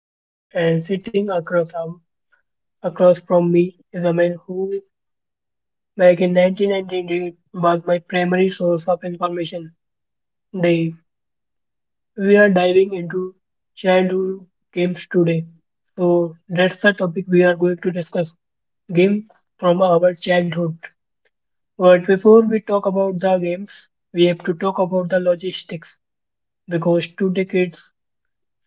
I am Ruth, and sitting across from me is a man who, back in 1998, was my primary source of information. Dave, we are diving into childhood games today. So that's the topic we are going to discuss: games from our childhood. But before we talk about the games, we have to talk about the logistics because two decades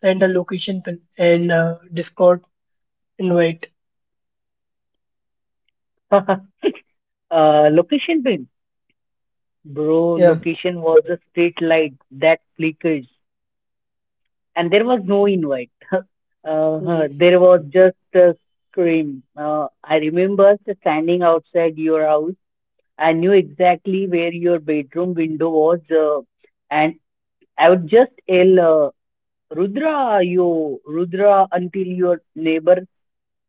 and a location pin and Discord invite. Location bin, bro. Yeah. Location was a street light that flickered, and there was no invite. Hmm. There was just a scream. I remember standing outside your house. I knew exactly where your bedroom window was, and I would just yell, uh, "Rudra, yo, Rudra!" until your neighbor,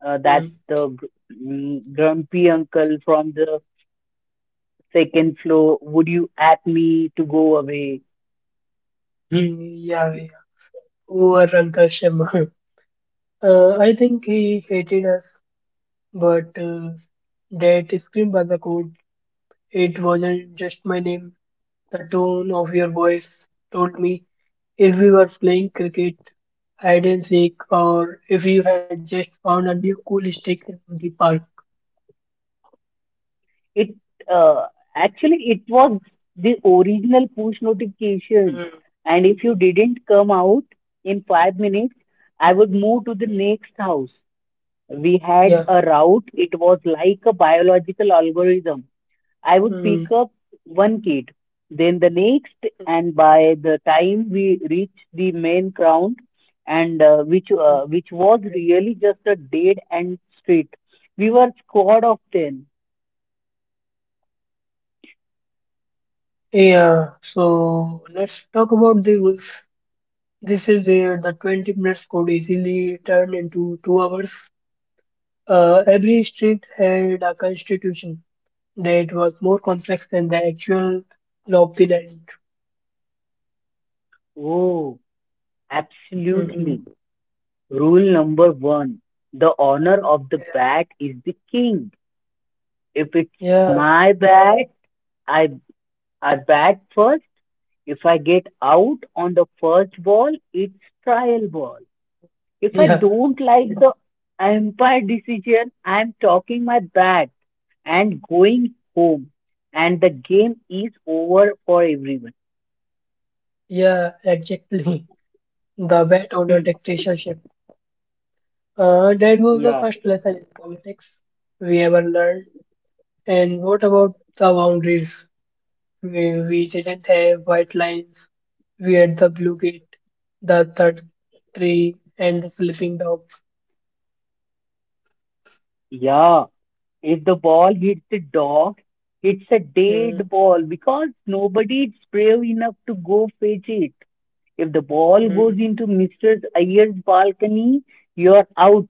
that Hmm. uh, gr- grumpy uncle from the second floor would you at me to go away. Hmm. Yeah, yeah. Poor Uncle Shyam. I think he hated us, but that scream by the code, it wasn't just my name. The tone of your voice told me if we were playing cricket, hide and seek, or if you had just found a new cool stick in the park. It uh, actually it was the original push notification, Hmm. and if you didn't come out in 5 minutes, I would move to the next house. We had Yeah. a route. It was like a biological algorithm. I would Hmm. pick up one kid, then the next, Hmm. and by the time we reached the main ground, and which was really just a dead end street, we were squad of ten. Yeah, so let's talk about the rules. This is where the 20 minutes could easily turn into 2 hours. Every street had a constitution that was more complex than the actual law of the. Oh, Mm. absolutely! Rule number one: the owner of the bat is the king. If it's Yeah, my bat, I I bat first. If I get out on the first ball, it's trial ball. If I yeah, don't like the umpire decision, I'm talking my bat and going home, and the game is over for everyone. yeah, exactly. The vet owner Hmm. dictatorship. That was the Yeah, first lesson in politics we ever learned. And what about the boundaries? We didn't have white lines. We had the blue gate, the third tree, and the sleeping dog. yeah. If the ball hits the dog, it's a Mm, dead ball because nobody is brave enough to go fetch it. If the ball mm, goes into Mr. Iyer's balcony, you're out,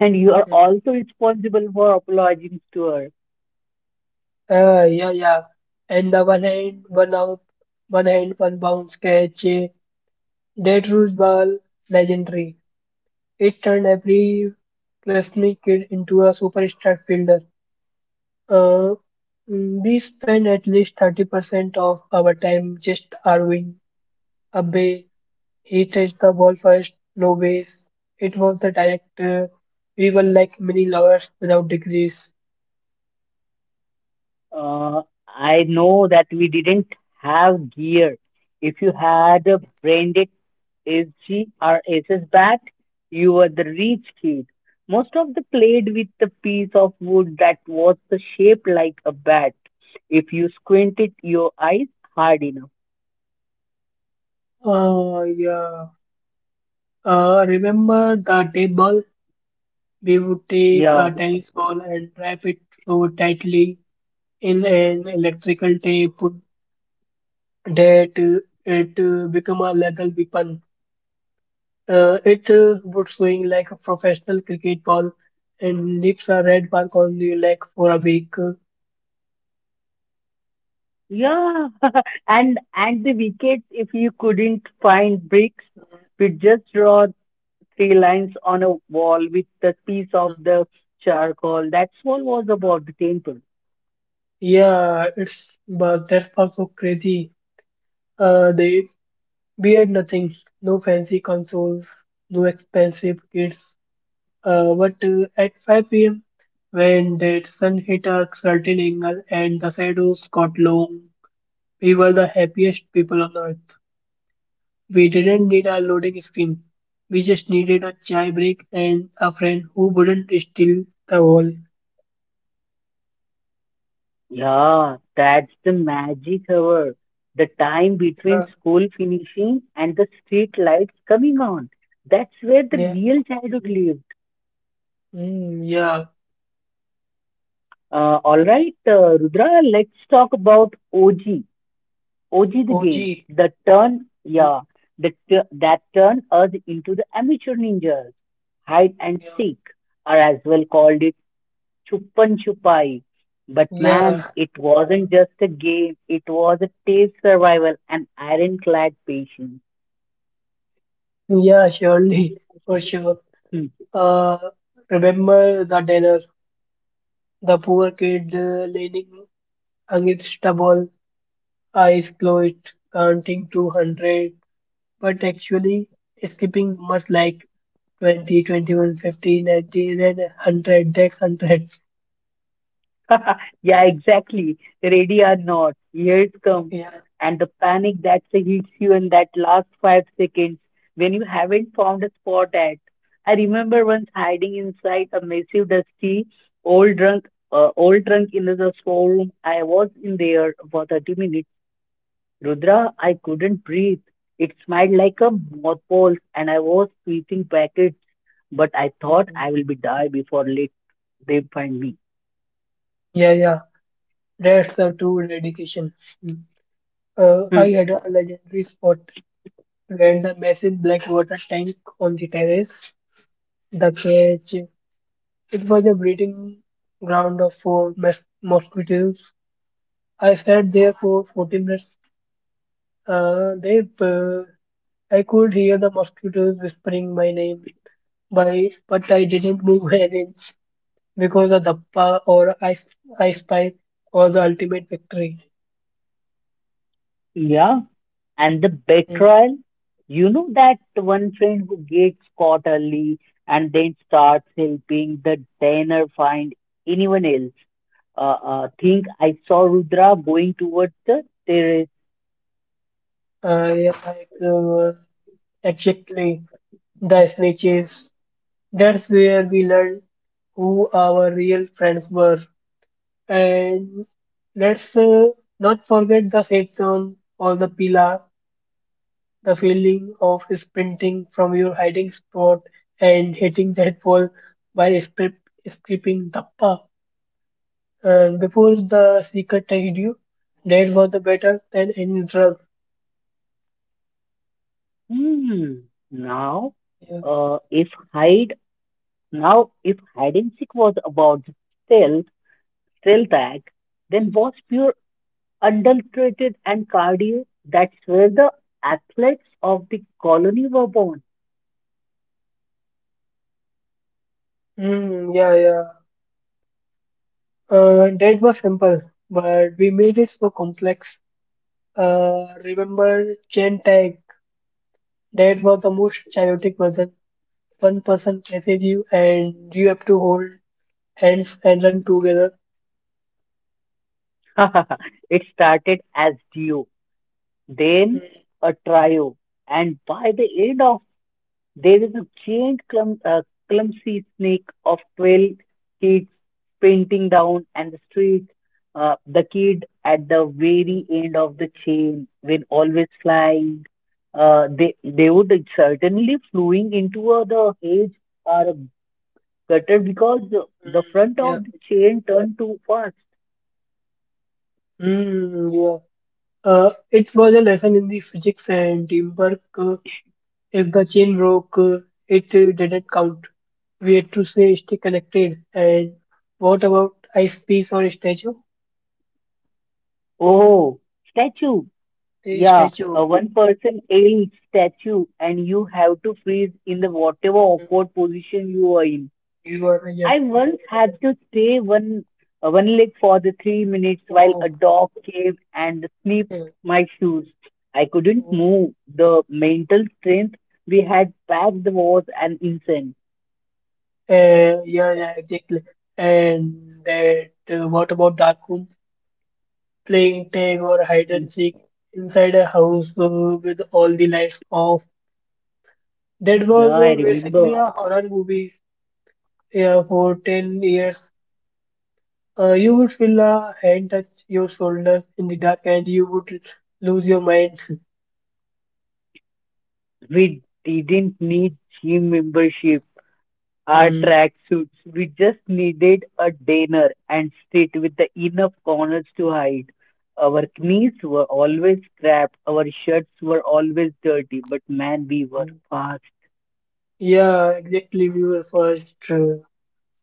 and you are mm. also responsible for apologizing to her. Ah, yeah, yeah. And the one hand, one out, one hand, one bounce catch. That rules ball, legendary. It turned every Westmead kid into a superstar fielder. Uh, we spend at least 30% of our time just arguing a bay. He touched the ball first, no ways. It was the direct. We were like mini lovers without degrees. Uh, I know that we didn't have gear. If you had a branded SG or SS bat, you were the rich kid. Most of them played with the piece of wood that was the shape like a bat. If you squinted your eyes hard enough. Oh, yeah. Remember the tape ball? We would take Yeah. a tennis ball and wrap it so tightly in an electrical tape that it become a lethal weapon. It would swing like a professional cricket ball and leaves a red mark on the leg for a week. Yeah. And the wickets, if you couldn't find bricks, we just draw three lines on a wall with the piece of the charcoal. That's all was about the temple. Yeah, it's but that's also crazy. They we had nothing, no fancy consoles, no expensive kits. But at 5 p.m. when the sun hit a certain angle and the shadows got long, we were the happiest people on earth. We didn't need a loading screen. We just needed a chai break and a friend who wouldn't steal the wall. Yeah, that's the magic hour. The time between Yeah, school finishing and the street lights coming on. That's where the yeah, real childhood lived. mm, yeah. All right, Rudra, let's talk about OG. OG the game. OG. The turn, Mm. yeah, that turned us into the amateur ninjas. Hide and Yeah. seek, or as well called it Chupan Chupai. But man, Yeah. it wasn't just a game, it was a taste survival and ironclad patience. Yeah, surely, for sure. Hmm. Uh, Remember the dinner, the poor kid leaning against the wall, eyes closed, counting 200, but actually skipping numbers like 20, 21, 50, 90, then 100, that's 100. Yeah, exactly. Ready or not, here it comes. Yeah, And the panic that hits you in that last 5 seconds when you haven't found a spot at. I remember once hiding inside a massive, dusty, old drunk, old drunk in the storeroom. I was in there for 30 minutes. Rudra, I couldn't breathe. It smelled like a moth pole, and I was breathing packets, but I thought I will be die before late they find me. yeah, yeah. That's the true dedication. Mm. Hmm. I had a legendary spot, and the massive black water tank on the terrace, the cage. It was a breeding ground of for mosquitoes. I sat there for 40 minutes. Uh, they, uh, I could hear the mosquitoes whispering my name, by, but I didn't move an inch because the Dappa or ice Pipe was the ultimate victory. Yeah, and the Mm. betrayal. You know that one friend who gets caught early and then starts helping the diner find anyone else. Think I saw Rudra going towards the terrace. Uh, yeah, like, uh, exactly, the snitches. That's where we learned who our real friends were. And let's not forget the safe zone or the pillar, the feeling of sprinting from your hiding spot and hitting that ball by escaping the path. And before the secret hit you, that was the better than any drug. Hmm. Now, Yeah. uh, if hide Now, if hide and seek was about stealth, stealth act, then was pure adulterated and cardio. That's where the athletes of the colony were born. Hmm, yeah, yeah. That was simple, but we made it so complex. Remember chain tag? That was the most chaotic version one person chases you and you have to hold hands and run together. It started as duo, then Mm, a trio, and by the end of there is a giant clumsy snake of 12 kids painting down and the street. The kid at the mm, very end of the chain will always fly. They would certainly flying into the hedge or a gutter because the mm, front of yeah. the chain turned too fast. Mm, yeah. It was a lesson in the physics and teamwork. If the chain broke, it didn't count. We had to stay connected. And what about ice piece or statue? Oh, statue. A Yeah, statue. a one person ale statue, and you have to freeze in the whatever Mm. awkward position you are in. You are, yeah. I once had to stay one leg for the 3 minutes while a Oh, dog came and snipped yeah. my shoes. I couldn't Oh. move. The mental strength we had back then was an insane. Yeah, yeah, exactly. And that, what about dark room? Playing tag or hide Hmm. and seek inside a house with all the lights off. That Yeah, was I basically remember. a horror movie, yeah, for 10 years. You would feel a hand touch your shoulders in the dark and you would lose your mind. We didn't need gym membership. Our Hmm. tracksuits. We just needed a dinner and street with the enough corners to hide. Our knees were always scrapped. Our shirts were always dirty. But man, we were fast. Yeah, exactly. We were first.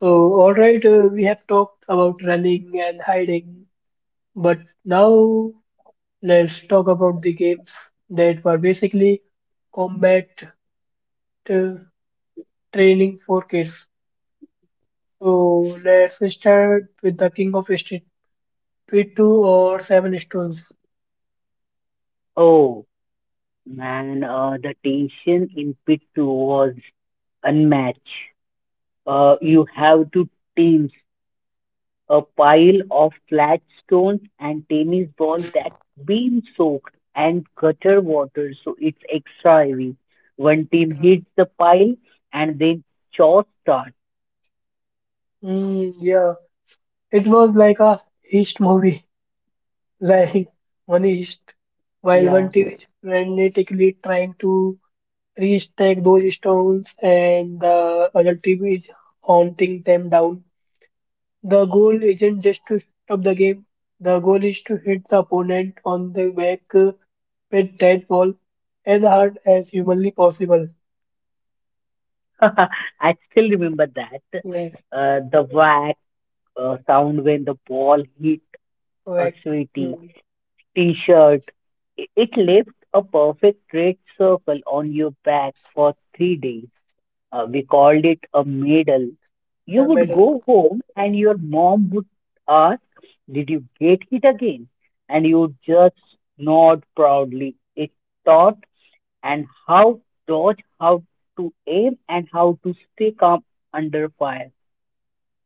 So, all right, we have talked about running and hiding, but now let's talk about the games that were basically combat uh, trailing for kids. So let's start with the King of Street Street 2 or Seven Stones. Oh man, the tension in pit two was unmatched. You have two teams, a pile of flat stones and tennis ball that's been soaked and gutter water, so it's extra heavy. One team hits the pile and then chores start. Mm, yeah, it was like a heist movie, like one heist, while one Yeah. team is frantically trying to restack those stones and the other team is hunting them down. The goal isn't just to stop the game, the goal is to hit the opponent on the back with that ball as hard as humanly possible. I still remember that. Like, The whack sound when the ball hit a like, sweaty mm, t-shirt. It left a perfect red circle on your back for 3 days. We called it a medal. You yeah, would medal. go home and your mom would ask, "Did you get hit again?" And you would just nod proudly. It taught and how dodge, how to aim, and how to stay calm under fire.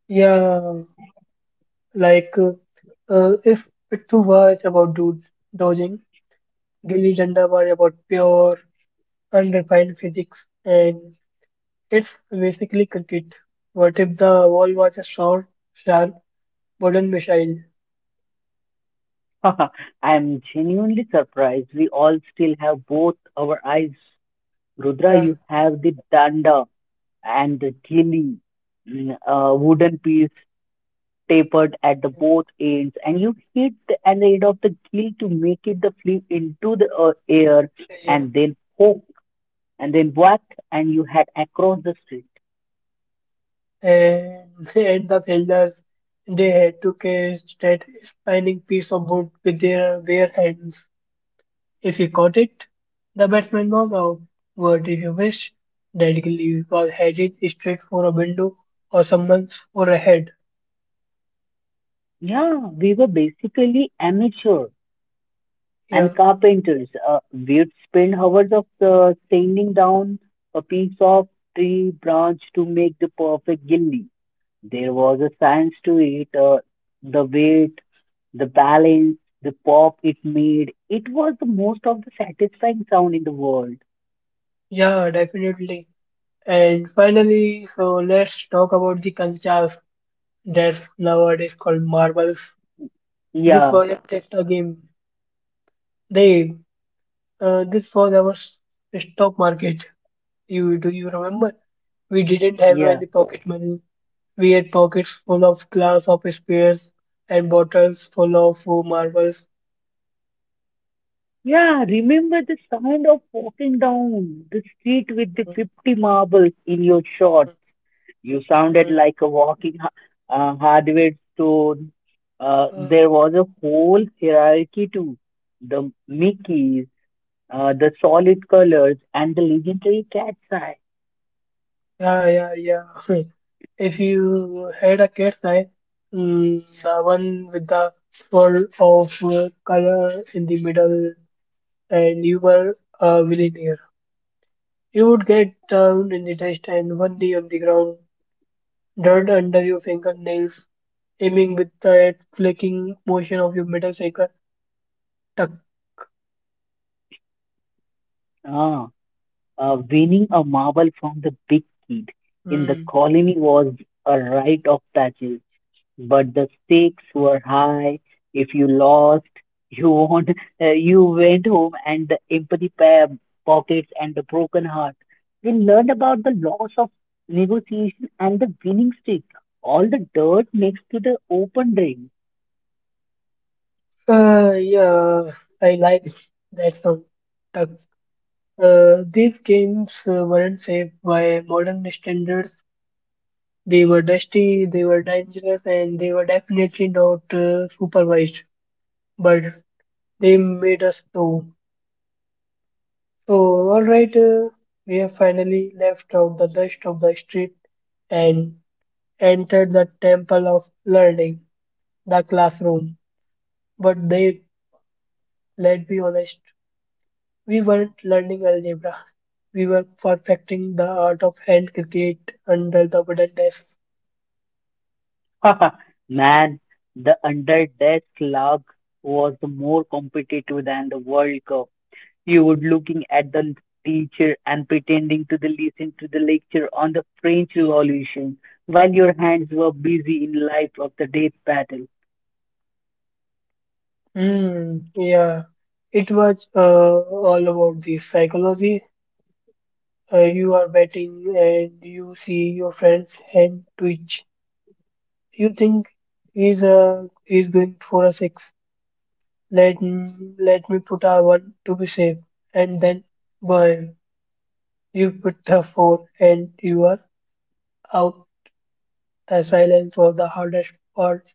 Yeah, like, if Pittu was about dudes dodging, Gilli Danda was about pure, unrefined physics, and it's basically cricket. What if the wall was a short, sharp, modern missile? I am genuinely surprised. We all still have both our eyes. Rudra, Yeah, you have the danda and the gilli, wooden piece tapered at the both ends, and you hit the an end of the gill to make it the flip into the air, yeah, yeah. and then hook, and then whack, and you had across the street. And, and the fielders, they had to catch that spinning piece of wood with their bare hands. If he caught it, the batsman knocked out. But if you wish, that gully was headed straight for a window or someone's for a head. Yeah, we were basically amateur Yeah, and carpenters. We'd spend hours of sanding down a piece of tree branch to make the perfect gilli. There was a science to it. The weight, the balance, the pop it made, it was the most of the satisfying sound in the world. yeah, definitely. And finally, so let's talk about the kanchas that's nowadays called marbles. This Yeah, wasn't just a game. They, this was our stock market. You do you remember? We didn't have yeah, any pocket money. We had pockets full of glass of spears and bottles full of marbles. yeah. Remember the sound of walking down the street with the Mm, 50 marbles in your shot. You sounded mm, like a walking hardware store. Mm. There was a whole hierarchy to the Mickeys, the solid colors, and the legendary cat's eye. Yeah, yeah, yeah. If you had a cat's eye, mm, the one with the swirl of color in the middle, and you were a millionaire, you would get down in the dust and one knee on the ground, dirt under your fingernails, aiming with that flicking motion of your middle finger. Tuck. Ah. Winning a marble from the big kid in the Mm. colony was a rite of passage, but the stakes were high. If you lost, you won, you went home, and the empty pockets and the broken heart. We learned about the loss of negotiation and the winning streak, all the dirt next to the open drain. Yeah, I like that song. Tuck. These games weren't safe by modern standards. They were dusty, they were dangerous, and they were definitely not supervised. But they made us know. So, alright, we have finally left out the dust of the street and entered the temple of learning, the classroom. But let's be honest, we weren't learning algebra. We were perfecting the art of hand cricket under the wooden desk. Man, the under desk lug was more competitive than the World Cup. You would looking at the teacher and pretending to the listen to the lecture on the French Revolution while your hands were busy in life of the death battle. Hmm, yeah. It was all about the psychology. You are betting and you see your friend's hand twitch. You think he's going for a six. Let me put a one to be safe, and then boy, you put the four and you are out. The silence was the hardest part.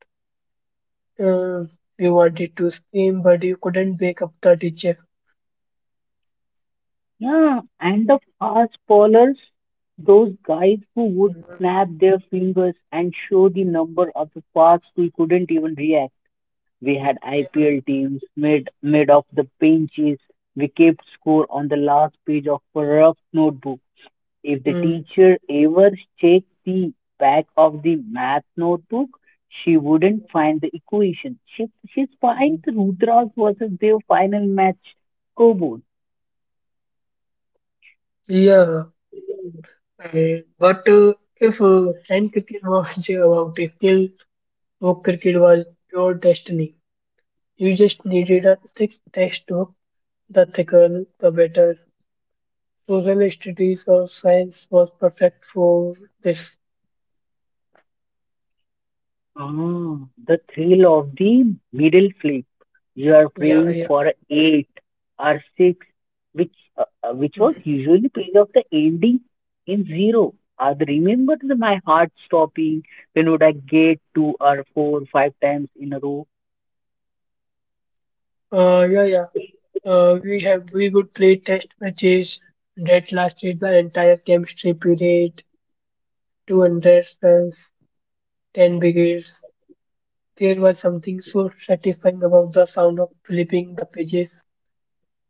Uh, you wanted to scream, but you couldn't wake up the teacher. Yeah, and the fast bowlers, those guys who would Mm, snap their fingers and show the number of the fast we couldn't even react. We had yeah, IPL teams made of the benches. We kept score on the last page of a rough notebook. If the mm, teacher ever checked the back of the math notebook, she wouldn't find the equation. She'd find mm, Rudra's versus their final match scoreboard. yeah. But if hand cricket was about a skill, book cricket was your destiny. You just needed a thick textbook. The thicker, the better. Social studies or science was perfect for this. Ah, the thrill of the middle flip. You are Yeah, praying yeah. for a eight or six, which Mm. was usually paid off the ending in zero. I remember my heart stopping when would I get two or four, five times in a row. Yeah, yeah. We have we would play test matches that lasted the entire chemistry period, 200 runs, 10 wickets. There was something so satisfying about the sound of flipping the pages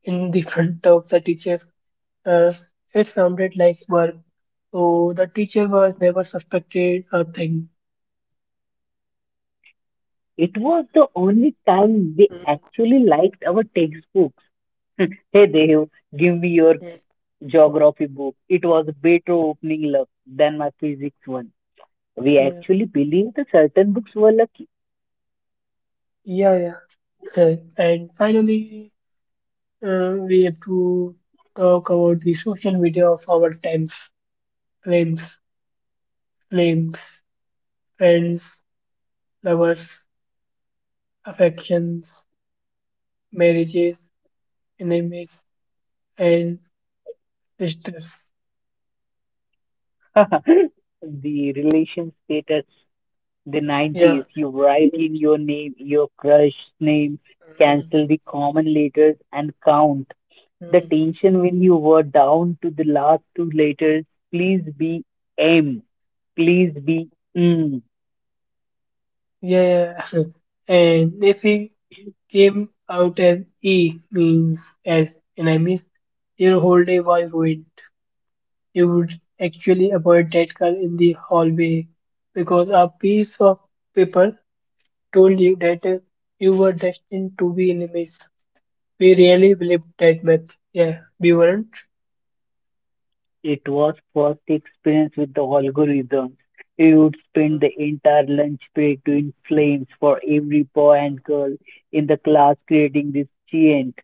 in the front of the teacher's. Uh, it sounded like work, so the teacher was never suspected a thing. It was the only time they Mm, actually liked our textbooks. Hey Dev, give me your mm, geography book. It was better opening luck than my physics one. We mm. actually believed that certain books were lucky. Yeah, yeah. Right. And finally, we have to talk about the social media of our times, claims. Names, friends, lovers, affections, marriages, enemies, and sisters. The relation status, the Yeah. 90s, you write in your name, your crush name, Mm, cancel the common letters and count. The mm. tension when you were down to the last two letters, please be M. Please be mm, Yeah, yeah. And if it came out as E means as enemies, your whole day was ruined. You would actually avoid that car in the hallway because a piece of paper told you that you were destined to be enemies. We really believed that much. Yeah, we weren't. it was first experience with the algorithms. We would spend the entire lunch break doing flames for every boy and girl in the class, creating this giant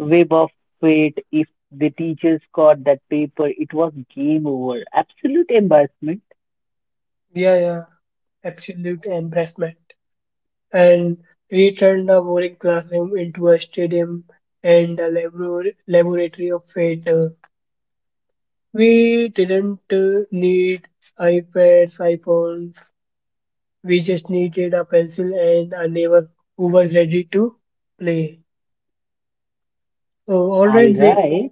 web of fate. If the teachers caught that paper, it was game over, absolute embarrassment. Yeah, yeah, absolute embarrassment. And we turned a boring classroom into a stadium and a laboratory of fate. We didn't need iPads, iPhones. We just needed a pencil and a neighbor who was ready to play. So, all All right, they right.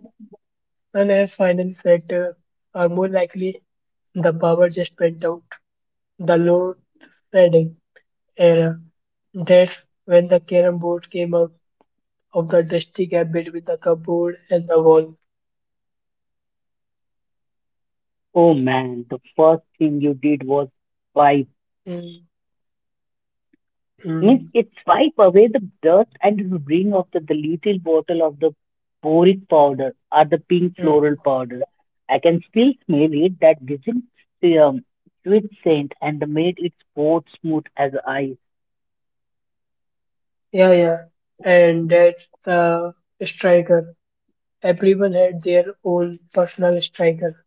and as finally said, are more likely the power just went out. The load shedding era. That's when the carom board came out of the dusty gap between the cupboard and the wall. Oh man, the first thing you did was wipe Mm, means mm, it swipe away the dust and bring off the little bottle of the boric powder or the pink floral mm. powder. I can still smell it, that distinct um, sweet scent, and made its coat smooth as ice. Yeah, yeah. And that's the striker. Everyone had their own personal striker.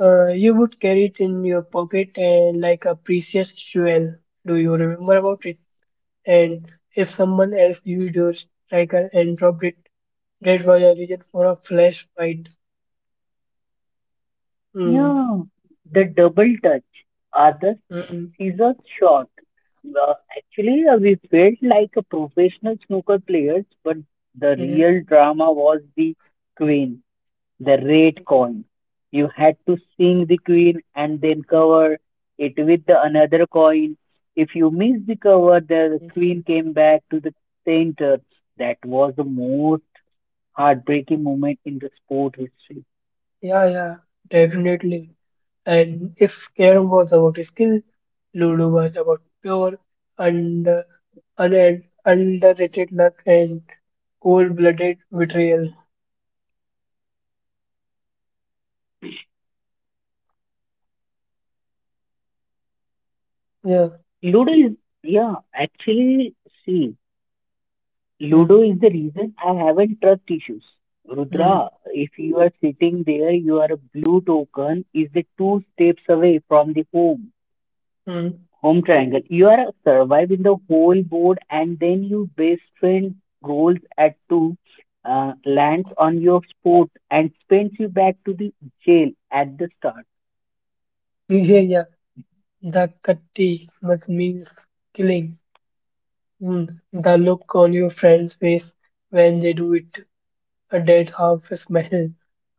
You would carry it in your pocket and like a precious jewel. Do you remember about it? And if someone else used your striker and dropped it, that was a reason for a flash fight. Mm, Yeah, the double touch or the mm, scissors shot. We felt like a professional snooker players, but the mm. real drama was the queen, the red Mm. coin. You had to sing the queen and then cover it with the another coin. If you missed the cover, the Mhm. queen came back to the center. That was the most heartbreaking moment in the sport history. Yeah, yeah, definitely. And if Carrom was about skill, Ludo was about pure and un underrated luck and cold-blooded betrayal. Yeah. Ludo is, yeah, actually, see, Ludo Mm. is the reason I haven't trust issues. Mm. Rudra, if you are sitting there, you are a blue token is the two steps away from the home. Mm. Home triangle. You are surviving the whole board, and then your best friend rolls at two, lands on your spot, and sends you back to the jail at the start. Yeah, yeah. The katti must means killing. Mm. The look on your friend's face when they do it, a dead half smile,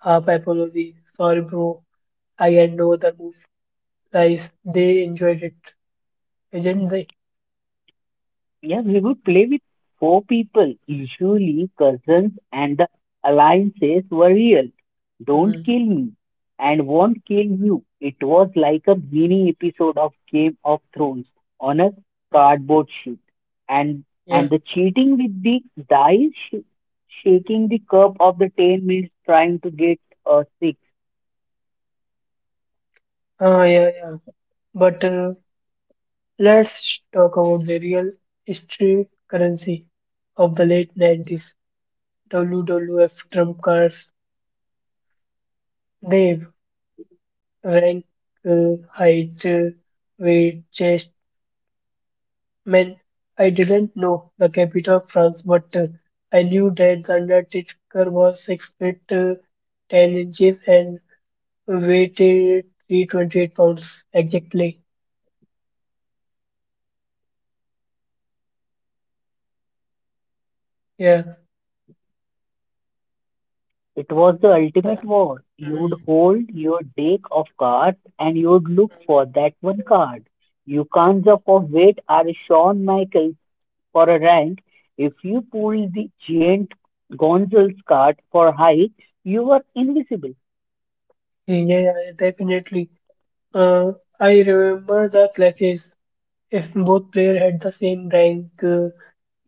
half apology. Sorry, bro. I had no other move. Guys, they enjoyed it. Gen Z. Yeah, we would play with four people. Usually, cousins and the alliances were real. Don't Mm, kill me and won't kill mm, you. It was like a mini episode of Game of Thrones on a mm, cardboard sheet. And and yeah. the cheating with the dice, sh- shaking the cup of the 10 minutes trying to get a six. Ah, yeah, yeah. But let's talk about the real history currency of the late 90s. WWF trump cards. They Rank, height, weight, chest. Man, I didn't know the capital of France, but I knew that the Undertaker was 6 feet 10 inches and weighted 328 pounds exactly. Yeah. It was the ultimate war. You would Mm. hold your deck of cards and you would look for that one card. You can't Mm. jump off weight or a Shawn Michaels for a rank. If you pull the giant Gonzalez card for height, you are invisible. Yeah, yeah, yeah, definitely. Uh, I remember the clashes. If both player had the same rank,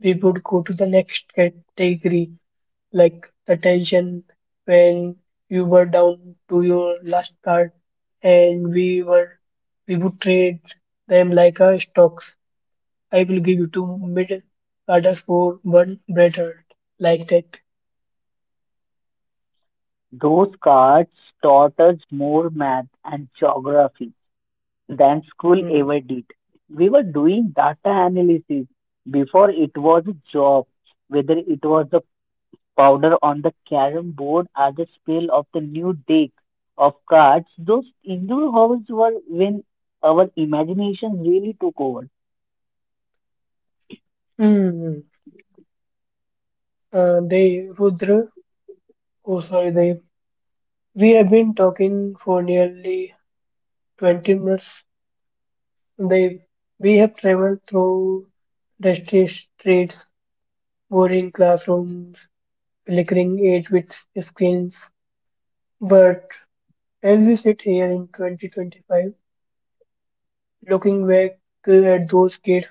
we would go to the next category, like the tension when you were down to your last card, and we would trade them like our stocks. I will give you two mid carders for one better, like that. Those cards taught us more math and geography than school ever Mm. did. We were doing data analysis before it was a job, whether it was a powder on the carom board are the spell of the new deck of cards. Those indoor halls were when our imagination really took over. Hmm. They Rudra, oh sorry, they. We have been talking for nearly 20 minutes. They, we have traveled through dusty streets, boring classrooms, flickering eight with screens. But as we sit here in 2025, looking back at those kids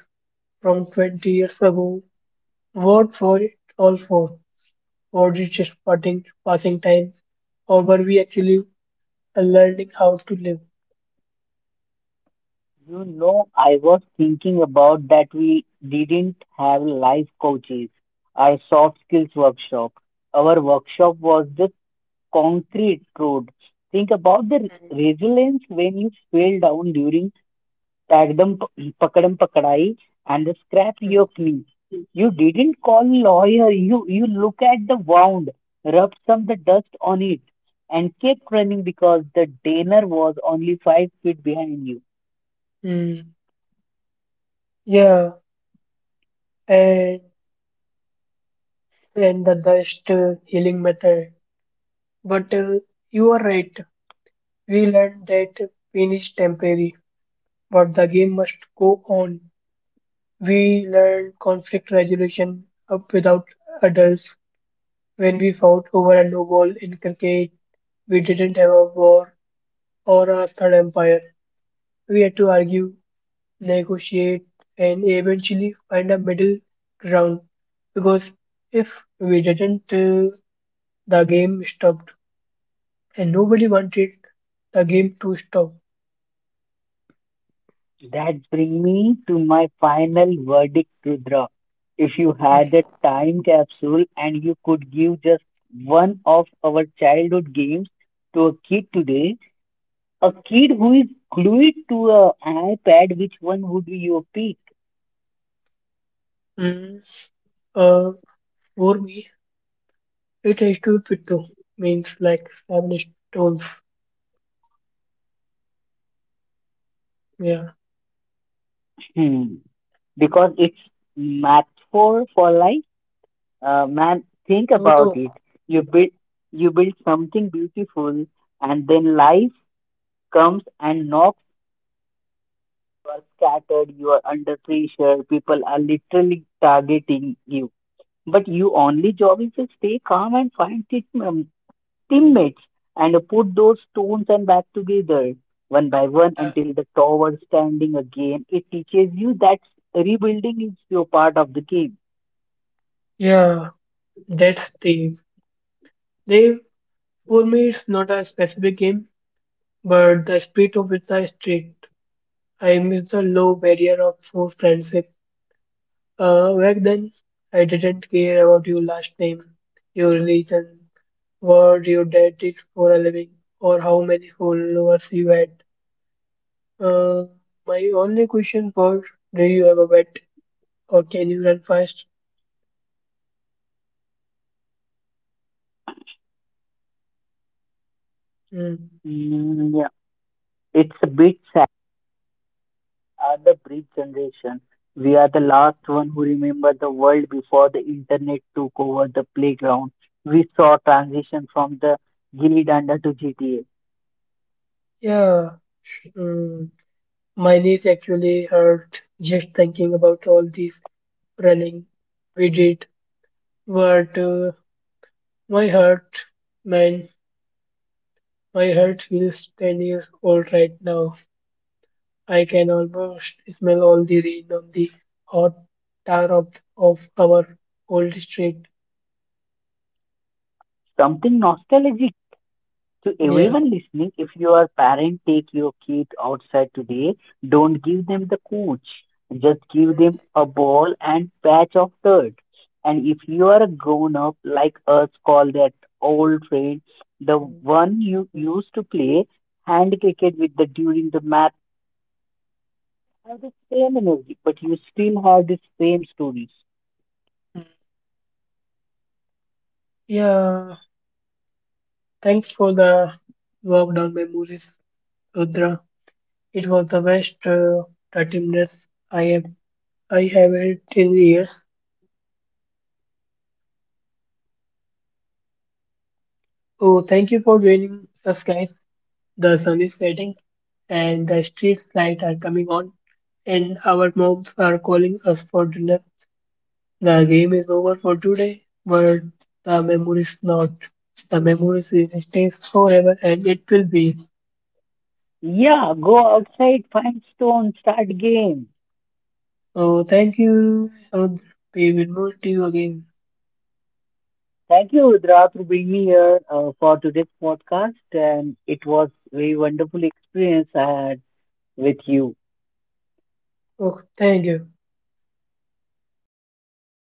from 20 years ago, what for it all for? Or did just parting, passing time? Or were we actually learning how to live? You know, I was thinking about that we didn't have life coaches, our soft skills workshop. Our workshop was the concrete road. Think about the Mm. resilience when you fell down during Tag them, Takdam Pakadam Pakadai and scrap Mm, your knee. You didn't call lawyer. You look at the wound, rub some the dust on it, and kept running because the dinner was only 5 feet behind you. mm. Yeah, and the best healing method. But you are right. We learned that pain is temporary, but the game must go on. We learned conflict resolution up without adults. When we fought over a no ball in cricket, we didn't have a war or a third empire. We had to argue, negotiate, and eventually find a middle ground. Because if we didn't, the game stopped, and nobody wanted the game to stop. That brings me to my final verdict, Rudra. If you had a time capsule and you could give just one of our childhood games to a kid today, a kid who is glued to a iPad, which one would be your pick? Mm, uh, for me, it has to be two means like seven stones. Yeah, Hmm. Because it's metaphor for life. Man, think no, about no. it. You build, you build something beautiful, and then life comes and knocks. You are scattered. You are under pressure. People are literally targeting you. But your only job is to stay calm and find it, Mm. teammates, and put those stones and back together one by one Yeah. until the tower standing again. It teaches you that rebuilding is your part of the game. Yeah, that's the they for me. It's not a specific game, but the spirit of it is strict. I miss the low barrier of for friendship. Back then, I didn't care about your last name, your religion, what your dad did for a living or how many followers you had. Uh, my only question was, do you have a pet or can you run fast? Hmm. Mm, yeah. It's a bit sad. Are the bridge generation? We are the last one who remember the world before the internet took over the playground. We saw transition from the Gilly Danda to GTA. Yeah, hmm. My knees actually hurt just thinking about all this running we did. But my heart, man, my heart feels 10 years old right now. I can almost smell all the rain on the hot tar of our old street. Something nostalgic. To Yeah. everyone listening, if you are parent, take your kid outside today. Don't give them the coach. Just give them a ball and patch of dirt. And if you are a grown up like us, call that old friend, the Mm. one you used to play hand cricket with the during the match, have the same energy, but you still have the same stories. Yeah. Thanks for the walk down memories, Rudra. It was the best 30 minutes I have had in years. Oh, thank you for joining us, guys. The sun is setting, and the street lights are coming on, and our moms are calling us for dinner. The game is over for today, but the memories not. The memories will stay forever, and it will be. Yeah, go outside, find stone, start game. Oh, thank you, and we will move you again. Thank you, Rudra, for bringing me here for today's podcast. And it was very wonderful experience I had with you. Oh, thank you.